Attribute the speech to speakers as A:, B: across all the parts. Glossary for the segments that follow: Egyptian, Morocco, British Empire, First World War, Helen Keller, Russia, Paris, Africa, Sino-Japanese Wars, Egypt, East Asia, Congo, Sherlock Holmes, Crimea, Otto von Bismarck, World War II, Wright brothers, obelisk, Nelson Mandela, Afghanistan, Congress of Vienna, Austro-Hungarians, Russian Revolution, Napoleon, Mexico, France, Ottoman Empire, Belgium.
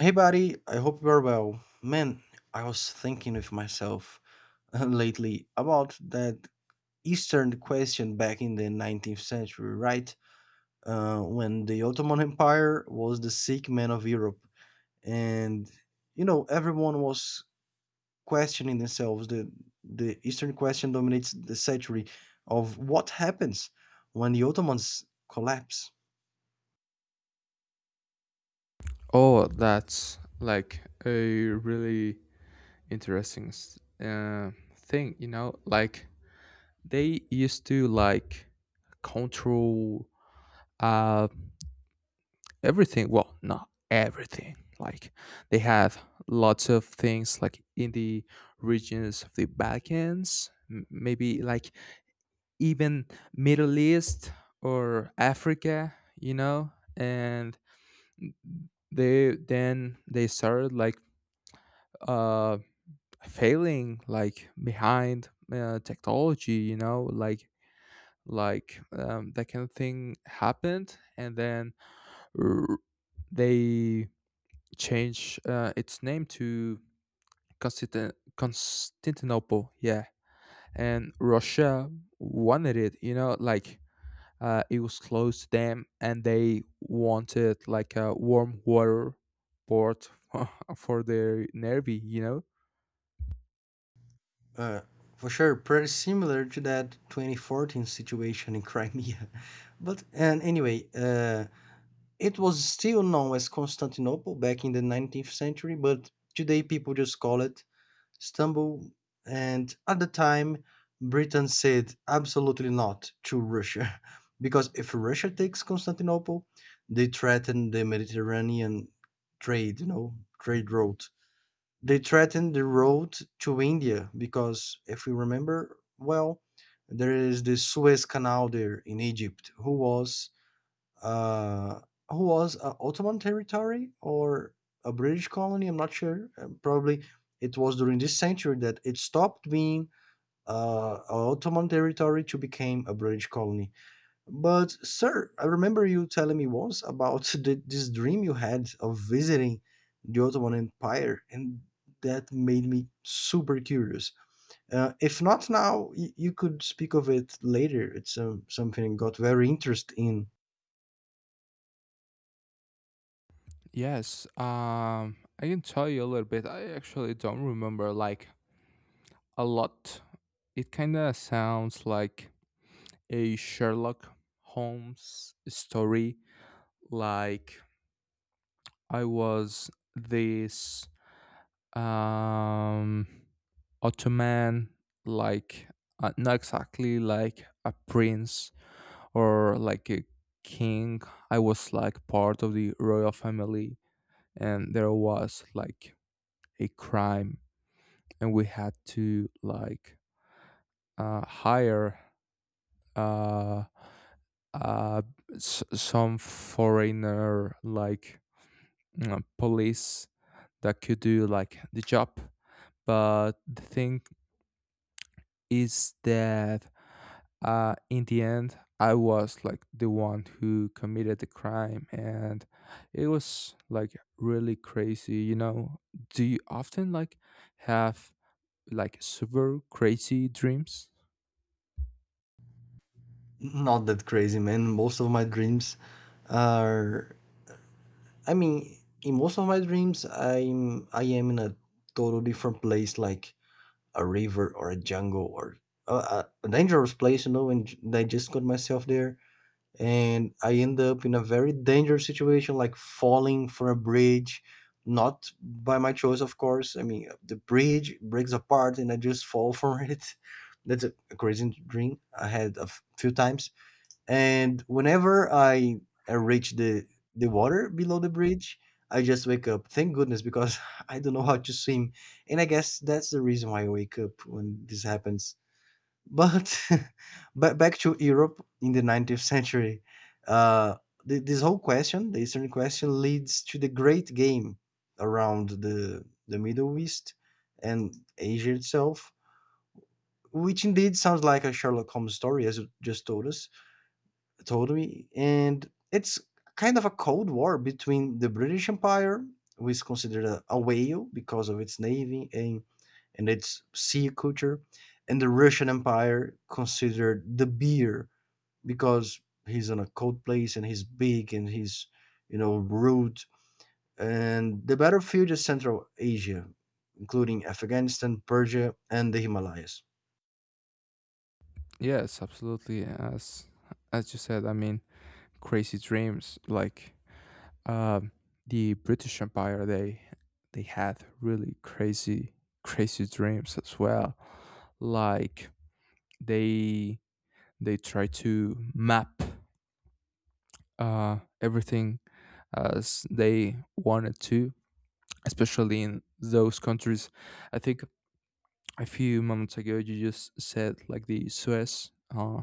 A: Hey, buddy, I hope you're well. Man, I was thinking with myself lately about that Eastern question back in the 19th century, right? When the Ottoman Empire was the sick man of Europe. And, everyone was questioning themselves. The Eastern question dominates the century of what happens when the Ottomans collapse.
B: Oh, that's like a really interesting thing. Like they used to like control uh everything. Well, not everything. Like they have lots of things like in the regions of the Balkans, maybe like even Middle East or Africa. And they then they started like uh failing like behind technology, like that kind of thing happened, and then r- they changed its name to Constantinople, yeah. And Russia wanted it, it was close to them, and they wanted like a warm water port for their navy.
A: Uh, for sure, pretty similar to that 2014 situation in Crimea. But and anyway, it was still known as Constantinople back in the 19th century, but today people just call it Istanbul. And at the time, Britain said absolutely not to Russia, because if Russia takes Constantinople, they threaten the Mediterranean trade, you know, trade route. They threaten the road to India because if we remember well, there is the Suez Canal there in Egypt, uh, who was Ottoman territory or a British colony. I'm not sure. Probably it was during this century that it stopped being Ottoman territory to became a British colony. But sir, I remember you telling me once about this dream you had of visiting the Ottoman Empire, and that made me super curious. If not now, you could speak of it later. It's something I got very interested in.
B: Yes, I can tell you a little bit. I actually don't remember like a lot. It kind of sounds like a Sherlock Holmes story. Like I was this um Ottoman, like not exactly like a prince or like a king. I was like part of the royal family, and there was like a crime, and we had to like hire uh, uh, some foreigner like police that could do like the job. But the thing is that in the end, I was like the one who committed the crime, and it was like really crazy. Do you often like have like super crazy dreams?
A: Not that crazy, man. Most of my dreams are, I mean, in most of my dreams I am in a total different place like a river or a jungle or a dangerous place, and I just got myself there, and I end up in a very dangerous situation like falling from a bridge, not by my choice. Of course, I mean, the bridge breaks apart and I just fall from it. That's a crazy dream I had a few times, and whenever I reach the water below the bridge, I just wake up. Thank goodness, because I don't know how to swim, and I guess that's the reason why I wake up when this happens. But but back to Europe in the 19th century, uh, this whole question, the Eastern question, leads to the Great Game around the Middle East and Asia itself, which indeed sounds like a Sherlock Holmes story, as you just told us. Totally. And it's kind of a cold war between the British Empire, who is considered a whale because of its navy and its sea culture, and the Russian Empire, considered the beer because he's in a cold place and he's big and he's rude. And the battlefield is Central Asia, including Afghanistan, Persia, and the Himalayas.
B: Yes, absolutely. As you said, I mean, crazy dreams like um, the British Empire. They had really crazy crazy dreams as well. Like they they tried to map everything as they wanted to, especially in those countries. I think a few moments ago you just said like the Suez. Uh,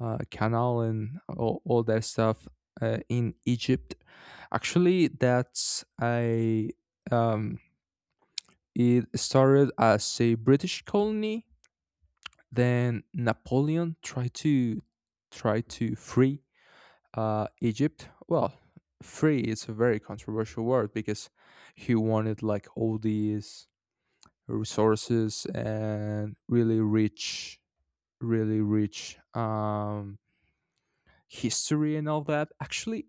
B: uh, canal and all that stuff in Egypt. Actually, that's a um, it started as a British colony. Then Napoleon tried to try to free Egypt. Well, free is a very controversial word because he wanted like all these resources and really rich history and all that. Actually,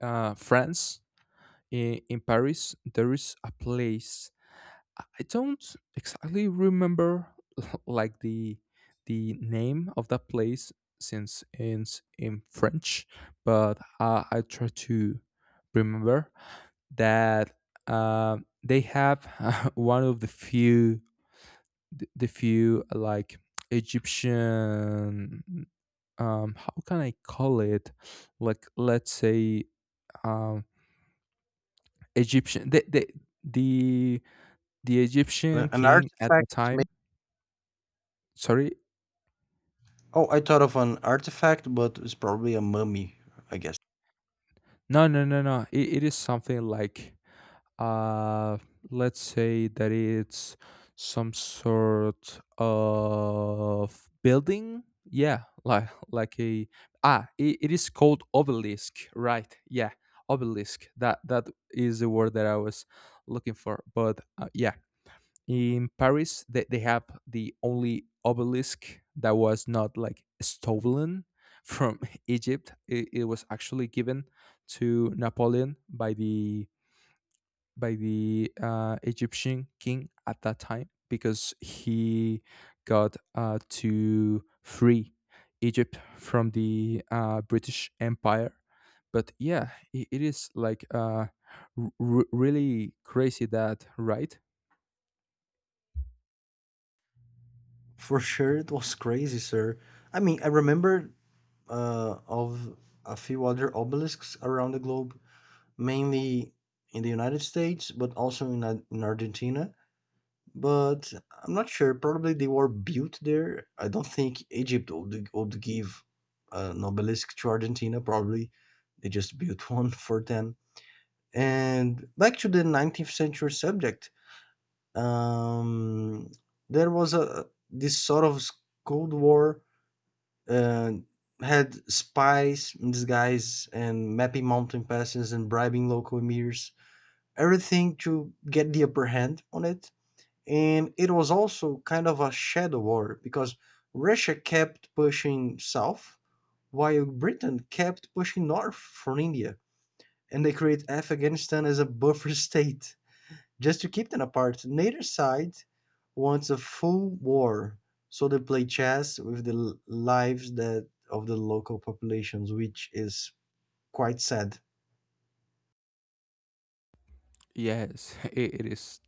B: France, in Paris, there is a place. I don't exactly remember like the name of that place since it's in French, but I try to remember that uh, they have one of the few, the few like Egyptian, how can I call it, like let's say, um Egyptian the the
A: But
B: Egyptian
A: an
B: king at the
A: artifact.
B: time sorry?
A: Oh, I thought of an artifact, but it's probably a mummy, I guess.
B: No, no, no, no. It is something like, uh, let's say that it's some sort of building? Yeah, like it is called obelisk, right? Yeah, obelisk. That is the word that I was looking for, but, yeah. In Paris, they have the only obelisk that was not like stolen from Egypt. It was actually given to Napoleon by the Egyptian king at that time because he got to free Egypt from the British Empire. But yeah, I it is like really crazy that, right?
A: For sure, it was crazy, sir. I mean, I remember of a few other obelisks around the globe, mainly in the United States, but also in Argentina. But I'm not sure. Probably they were built there. I don't think Egypt would give an obelisk to Argentina. Probably they just built one for them. And back to the 19th century subject. um, there was a this sort of cold war uh, had spies in disguise and mapping mountain passes and bribing local emirs, everything to get the upper hand on it. And it was also kind of a shadow war because Russia kept pushing south while Britain kept pushing north from India, and they created Afghanistan as a buffer state just to keep them apart. Neither side wants a full war, so they play chess with the lives that of the local populations, which is quite sad,
B: Yes, I it is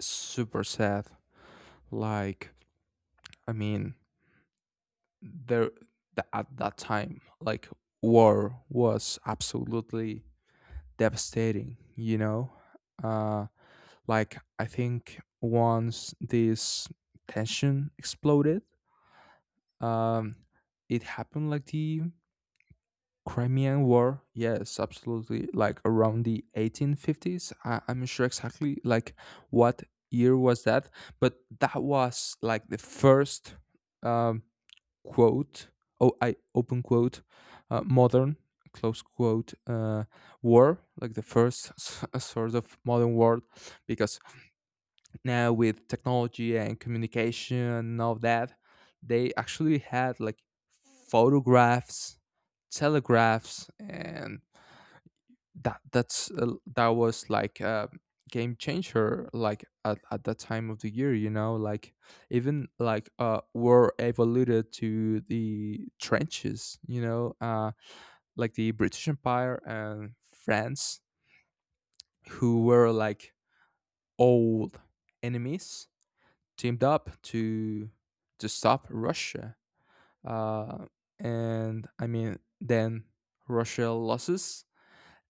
B: super sad. Like, I mean, there at that time, like war was absolutely devastating. Uh, like I think once this tension exploded, um, it happened like the Crimean War. Yes, absolutely. Like around the 1850s. I'm not sure exactly like what year was that, but that was like the first um quote, oh, I open quote, modern, close quote, war, like the first sort of modern world, because now with technology and communication and all that, they actually had like photographs, telegraphs, and that was like a game changer like at that time of the year, like even like war evolved to the trenches, like the British Empire and France, who were like old enemies, teamed up to stop Russia, uh and I mean then Russia loses.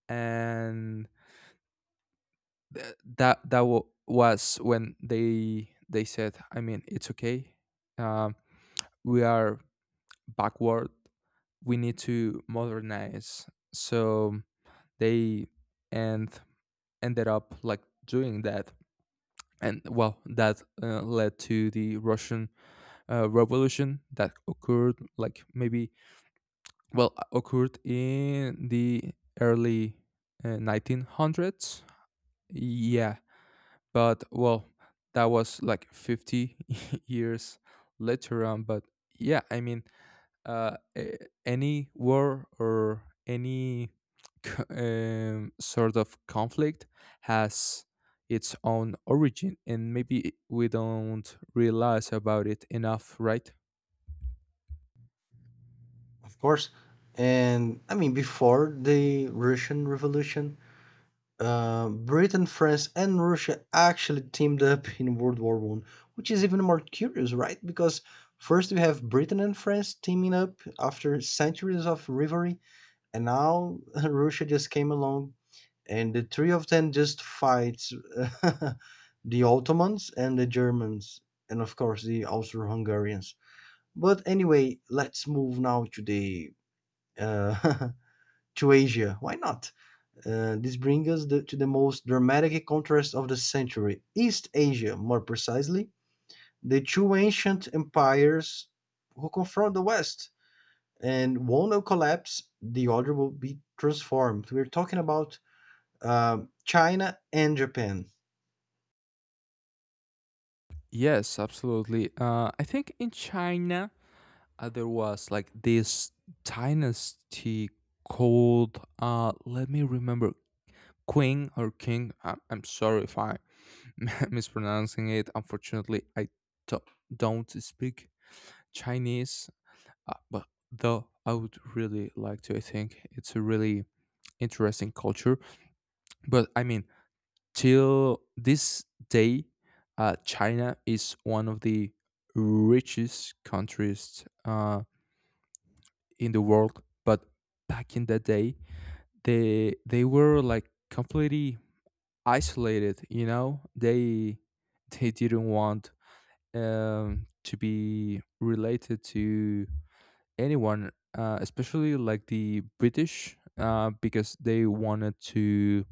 B: And Th- that that wa was when they said, I mean, it's okay. um, we are backward, we need to modernize, so they and ended up like doing that. And well, that led to the Russian revolution that occurred like maybe, well, occurred in the early 1900s, yeah. But well, that was like 50 years later on. But yeah, I mean uh a- any war or any sort of conflict has its own origin, and maybe we don't realize about it enough, right?
A: of course. And I mean, before the Russian Revolution, Britain, France, and Russia actually teamed up in World War I, which is even more curious, right? Because first we have Britain and France teaming up after centuries of rivalry, and now Russia just came along and the three of them just fights the Ottomans and the Germans, and of course the Austro-Hungarians. But anyway, let's move now to the uh, to Asia. Why not? This brings us to the most dramatic contrast of the century, East Asia, more precisely, the two ancient empires who confront the West, and one will collapse, the other will be transformed. We're talking about China and Japan.
B: Yes, absolutely. I think in China, there was like this dynasty called, let me remember, Queen or King. I'm sorry if I mispronouncing it. Unfortunately, I do- don't speak Chinese, but though I would really like to. I think it's a really interesting culture. But I mean, till this day, China is one of the richest countries in the world. But back in the day, they were like completely isolated. They didn't want to be related to anyone, especially like the British, because they wanted to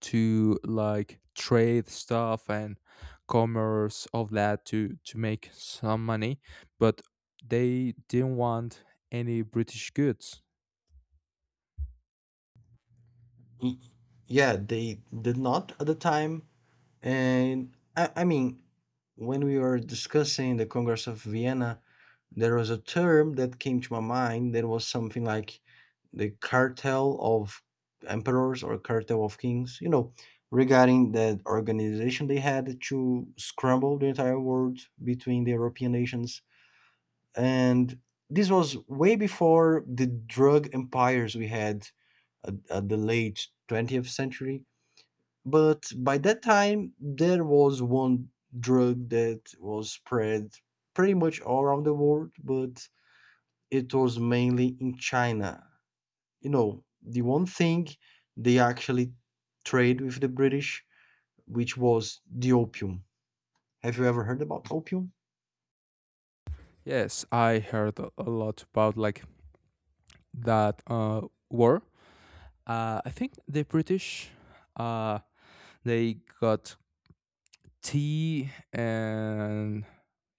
B: like trade stuff and commerce of that to make some money, but they didn't want any British goods.
A: Y- Yeah, they did not at the time. And I mean, when we were discussing the Congress of Vienna, there was a term that came to my mind that was something like the cartel of emperors or cartel of kings, regarding that organization they had to scramble the entire world between the European nations, and this was way before the drug empires we had at the late 20th century. But by that time, there was one drug that was spread pretty much all around the world, but it was mainly in China. You know, the one thing they actually trade with the British, which was the opium. Have you ever heard about opium?
B: Yes, I heard a lot about like that, war. I think the British, uh, they got tea and,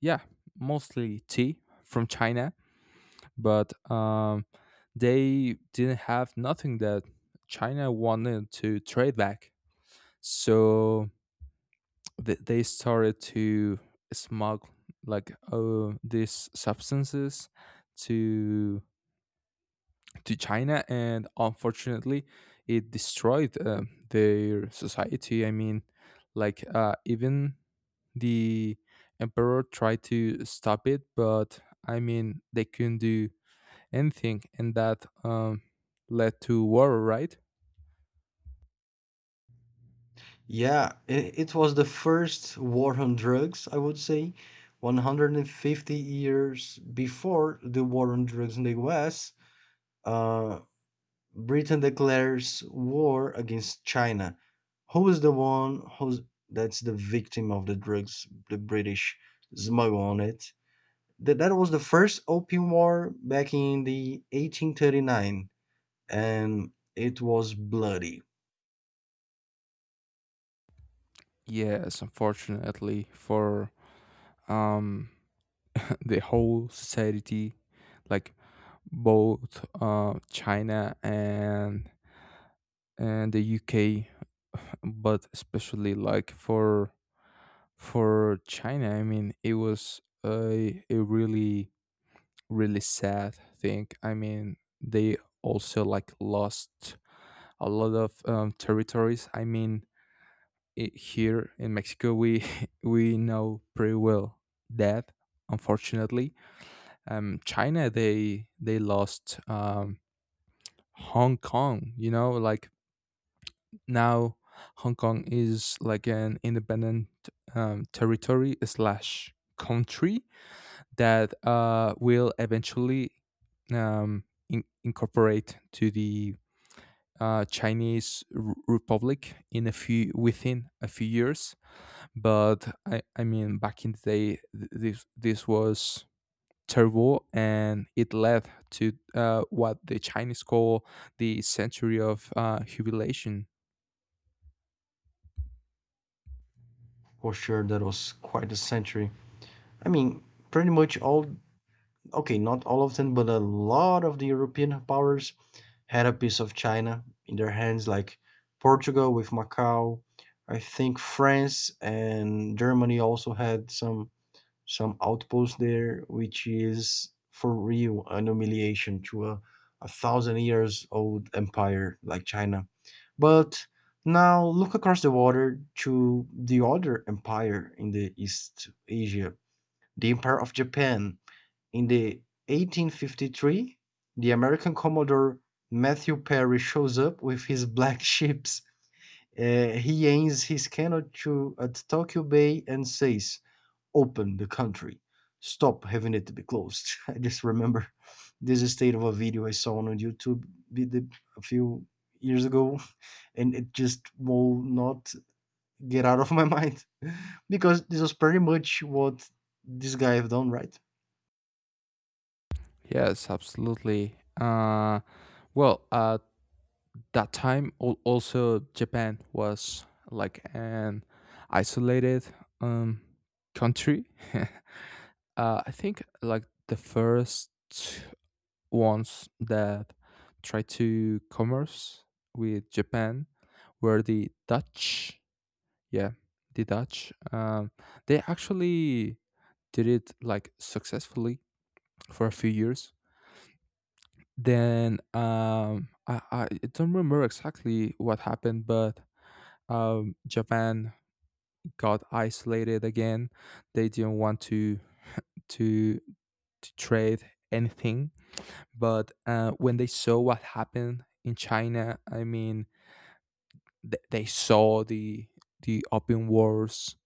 B: yeah, mostly tea from China, but they didn't have nothing that China wanted to trade back. So they started to smuggle like these substances to China, and unfortunately, it destroyed their society. I mean, like even the emperor tried to stop it, but I mean they couldn't do anything, and that, led to war, right?
A: Yeah, it was the first war on drugs, I would say, 150 years before the war on drugs in the US. Uh, Britain declares war against China. Who is the one who's that's the victim of the drugs the British smuggle on it? That was the first opium war back in the 1839, and it was bloody.
B: Yes, unfortunately for, um, the whole society, like both, China and the UK, but especially like for China, I mean, it was a really really sad thing. I mean, they also like lost a lot of, territories. I mean, I here in Mexico, we we know pretty well that, unfortunately, China, they lost, Hong Kong. Like now, Hong Kong is like an independent, territory slash country that, will eventually, um, incorporate to the, Chinese Republic in a few within a few years. But I mean, back in the day, this was terrible, and it led to what the Chinese call the century of, humiliation.
A: For sure, that was quite a century. I mean, pretty much all, okay, not all of them, but a lot of the European powers had a piece of China in their hands, like Portugal with Macau. I think France and Germany also had some outposts there, which is for real an humiliation to a thousand years old empire like China. But now look across the water to the other empire in the East Asia, the Empire of Japan. In the 1853, the American Commodore Matthew Perry shows up with his black ships. He aims his cannon at Tokyo Bay and says, "Open the country. Stop having it to be closed." I just remember this state of a video I saw on YouTube a few years ago, and it just will not get out of my mind because this was pretty much what this guy have done, right?
B: Yes, absolutely. Well, at that time, also Japan was like an isolated, um, country. I think like the first ones that tried to commerce with Japan were the Dutch. Yeah, the Dutch. They actually did it like successfully for a few years. Then, I don't remember exactly what happened, but, Japan got isolated again. They didn't want to to trade anything. But, when they saw what happened in China, I mean, they saw the open wars.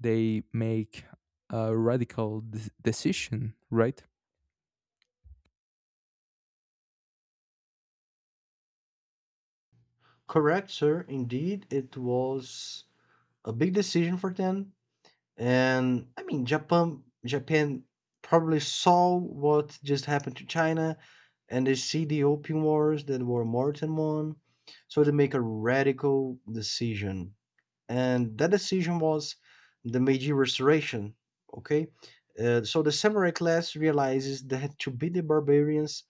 B: They make a radical decision, right?
A: Correct, sir. Indeed, it was a big decision for them. And I mean, Japan probably saw what just happened to China, and they see the opium wars that were more than one, so they make a radical decision. And that decision was the Meiji Restoration. Okay, so the samurai class realizes that to be the barbarians,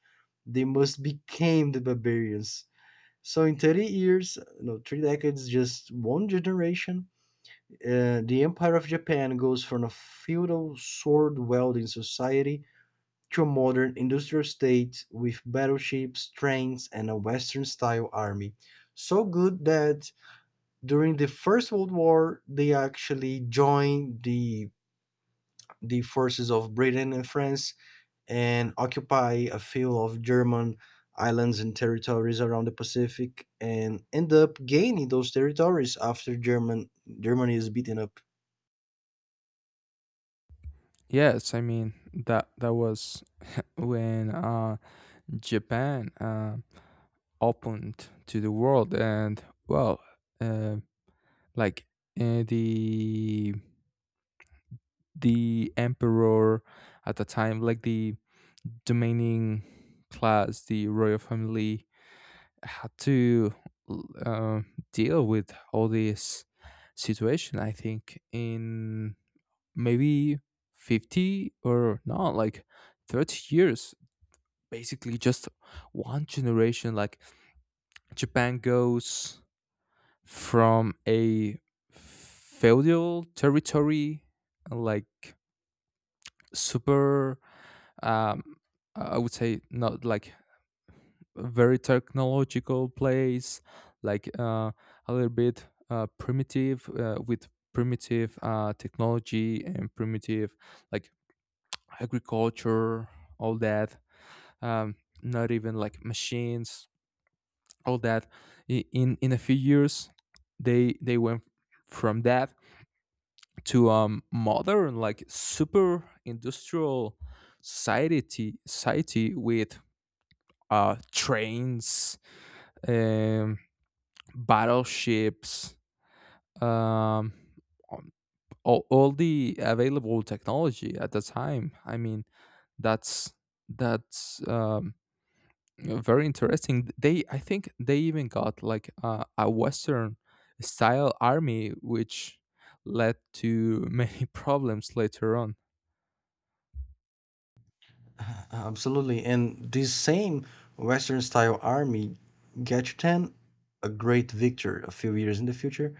A: they must become the barbarians. So in 30 years, no, 3 decades, just one generation, the Empire of Japan goes from a feudal sword wielding society to a modern industrial state with battleships, trains, and a Western style army. So good that during the First World War, they actually joined the forces of Britain and France and occupy a few of German islands and territories around the Pacific and end up gaining those territories after Germany is beaten up.
B: Yes, I mean that was when, Japan, opened to the world. And well, uh, like, uh, the the emperor at the time, like the domaining class, the royal family had to l- uh, deal with all this situation. I think in maybe 50 or not like 30 years, basically just one generation, like Japan goes from a feudal territory, like super, um, I would say, not like very technological place, like, a little bit, primitive, with primitive, technology and primitive like agriculture, all that. Um, Not even like machines, all that. In a few years, they went from that to a modern like super industrial society with, trains, um battleships, um um, all, the available technology at the time. I mean, that's that's, very interesting. They I think they even got like, a Western style army, which led to many problems later on.
A: Absolutely. And this same Western style army, Gachutan, a great victor a few years in the future,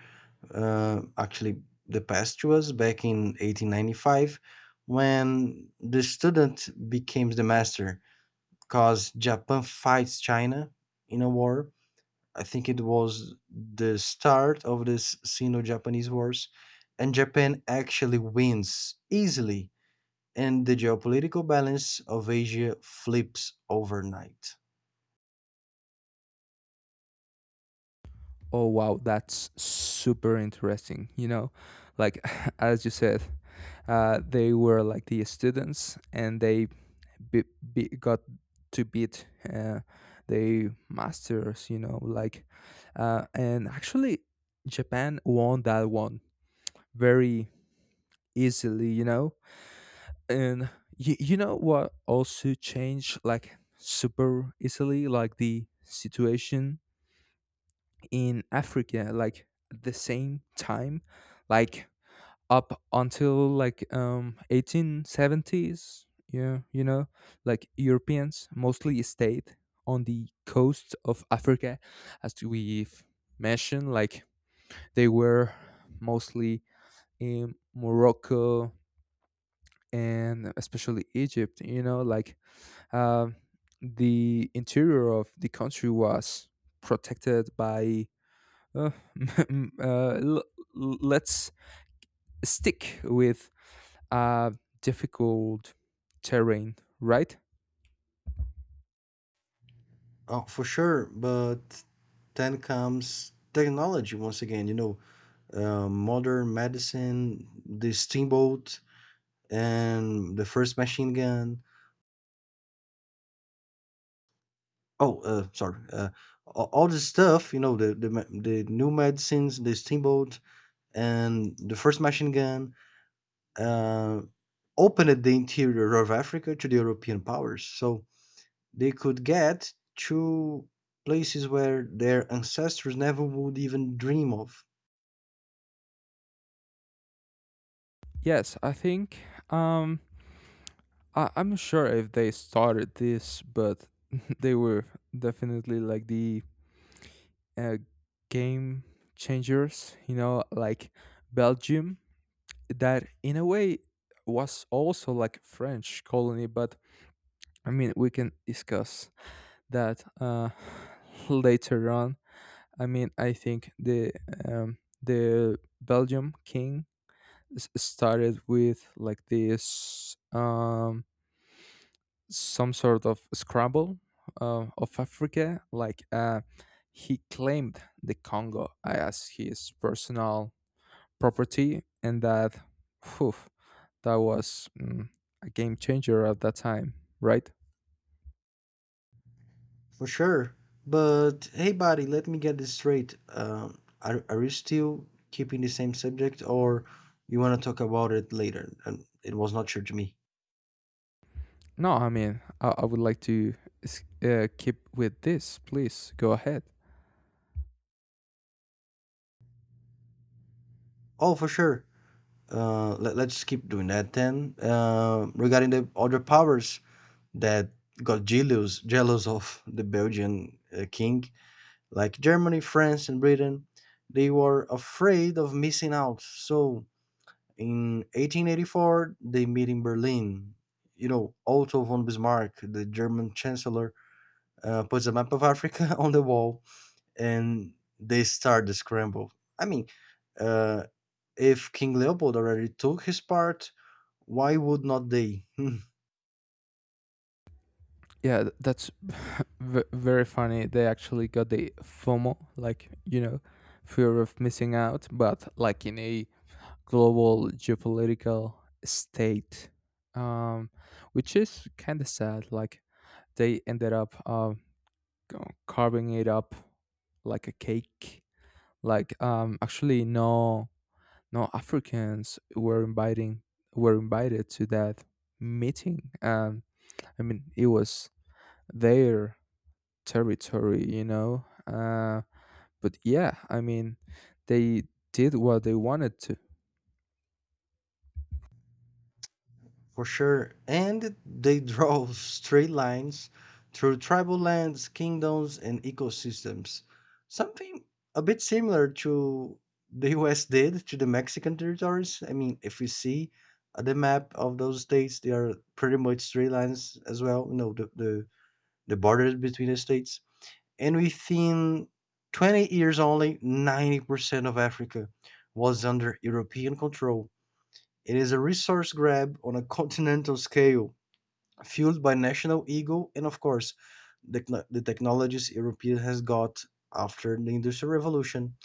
A: actually the past to us back in 1895 when the student becomes the master because Japan fights China in a war. I think it was the start of the Sino-Japanese Wars, and Japan actually wins easily, and the geopolitical balance of Asia flips overnight.
B: Oh, wow, that's super interesting. Like, as you said, they were like the students, and they be, got to beat, uh, the masters. And actually Japan won that one very easily. And you know what also changed like super easily, like the situation in Africa, like at the same time, like up until like, 1870s, yeah. Like Europeans mostly stayed on the coast of Africa, as we've mentioned, like they were mostly in Morocco and especially Egypt. Um the interior of the country was protected by, uh, uh, l- let's stick with, uh, difficult terrain, right?
A: Oh, for sure, but then comes technology once again. You know, modern medicine, the steamboat, and the first machine gun. Oh, sorry, all this stuff. You know, the new medicines, the steamboat, and the first machine gun uh, opened the interior of Africa to the European powers. So they could get to places where their ancestors never would even dream of.
B: Yes, I think. Um, I'm not sure if they started this, but they were definitely like the, uh, game changers, like Belgium, that in a way was also like a French colony. But I mean, we can discuss that, later on. I mean, I think the Belgium king started with like this, some sort of scramble, of Africa. Like, he claimed the Congo as his personal property. And that phew, that was, a game changer at that time, right?
A: For sure. But hey, buddy, let me get this straight. Are you still keeping the same subject, or you want to talk about it later? And it was not sure to me.
B: No, I mean, I would like to keep with this. Please go ahead.
A: Oh, for sure. Let's keep doing that then. Regarding the other powers, that got jealous of the Belgian king, like Germany, France, and Britain, they were afraid of missing out. So in 1884, they meet in Berlin. You know, Otto von Bismarck, the German chancellor, puts a map of Africa on the wall, and they start the scramble. I mean, uh, if King Leopold already took his part, why would not they?
B: Yeah, that's very funny. They actually got the FOMO, like, fear of missing out, but like in a global geopolitical state, um, which is kind of sad. Like they ended up, carving it up like a cake. Like, actually, no, no Africans were inviting were invited to that meeting. I mean, it was there territory. But yeah, I mean, they did what they wanted to.
A: For sure. And they draw straight lines through tribal lands, kingdoms, and ecosystems. Something a bit similar to the U.S. did to the Mexican territories. I mean, if you see the map of those states, they are pretty much straight lines as well, the borders between the states. And within 20 years only, 90% of Africa was under European control. It is a resource grab on a continental scale fueled by national ego and, of course, the technologies Europe has got after the Industrial Revolution.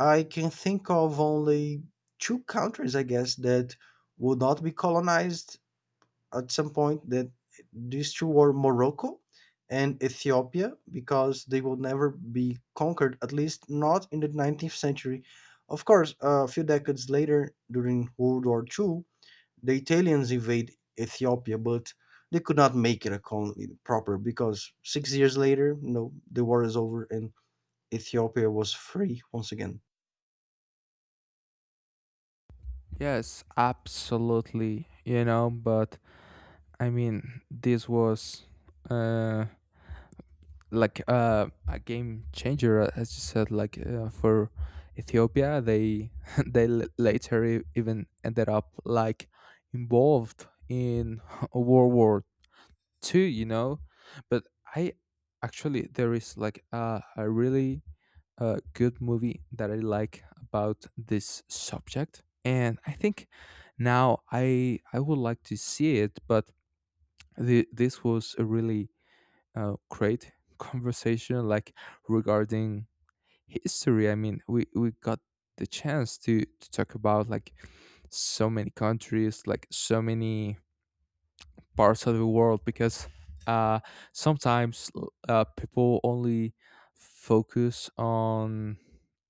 A: I can think of only two countries, I guess, that would not be colonized at some point. That these two were Morocco and Ethiopia, because they will never be conquered, at least not in the 19th century. Of course, a few decades later, during World War II, the Italians invade Ethiopia, but they could not make it a colony proper because 6 years later, the war is over and Ethiopia was free once again.
B: Yes, absolutely, But I mean, this was, uh, like, a game changer, as you said, like, for Ethiopia, they later even ended up like involved in World War Two, But I, actually, there is like a really a good movie that I like about this subject. And I think now I would like to see it. But this was a really, great conversation, like regarding history. I mean, we got the chance to talk about like so many countries, like so many parts of the world, because, uh, sometimes people only focus on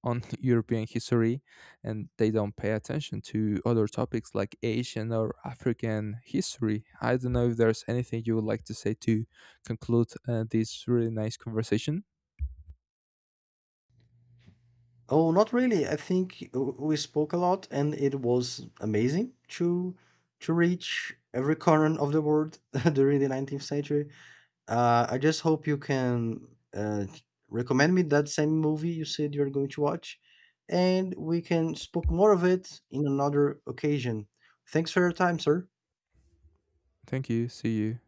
B: European history, and they don't pay attention to other topics like Asian or African history. I don't know if there's anything you would like to say to conclude, this really nice conversation.
A: Oh, not really. I think we spoke a lot, and it was amazing to reach every corner of the world during the 19th century. I just hope you can uh, recommend me that same movie you said you're going to watch, and we can spoke more of it in another occasion. Thanks for your time, sir.
B: Thank you. See you.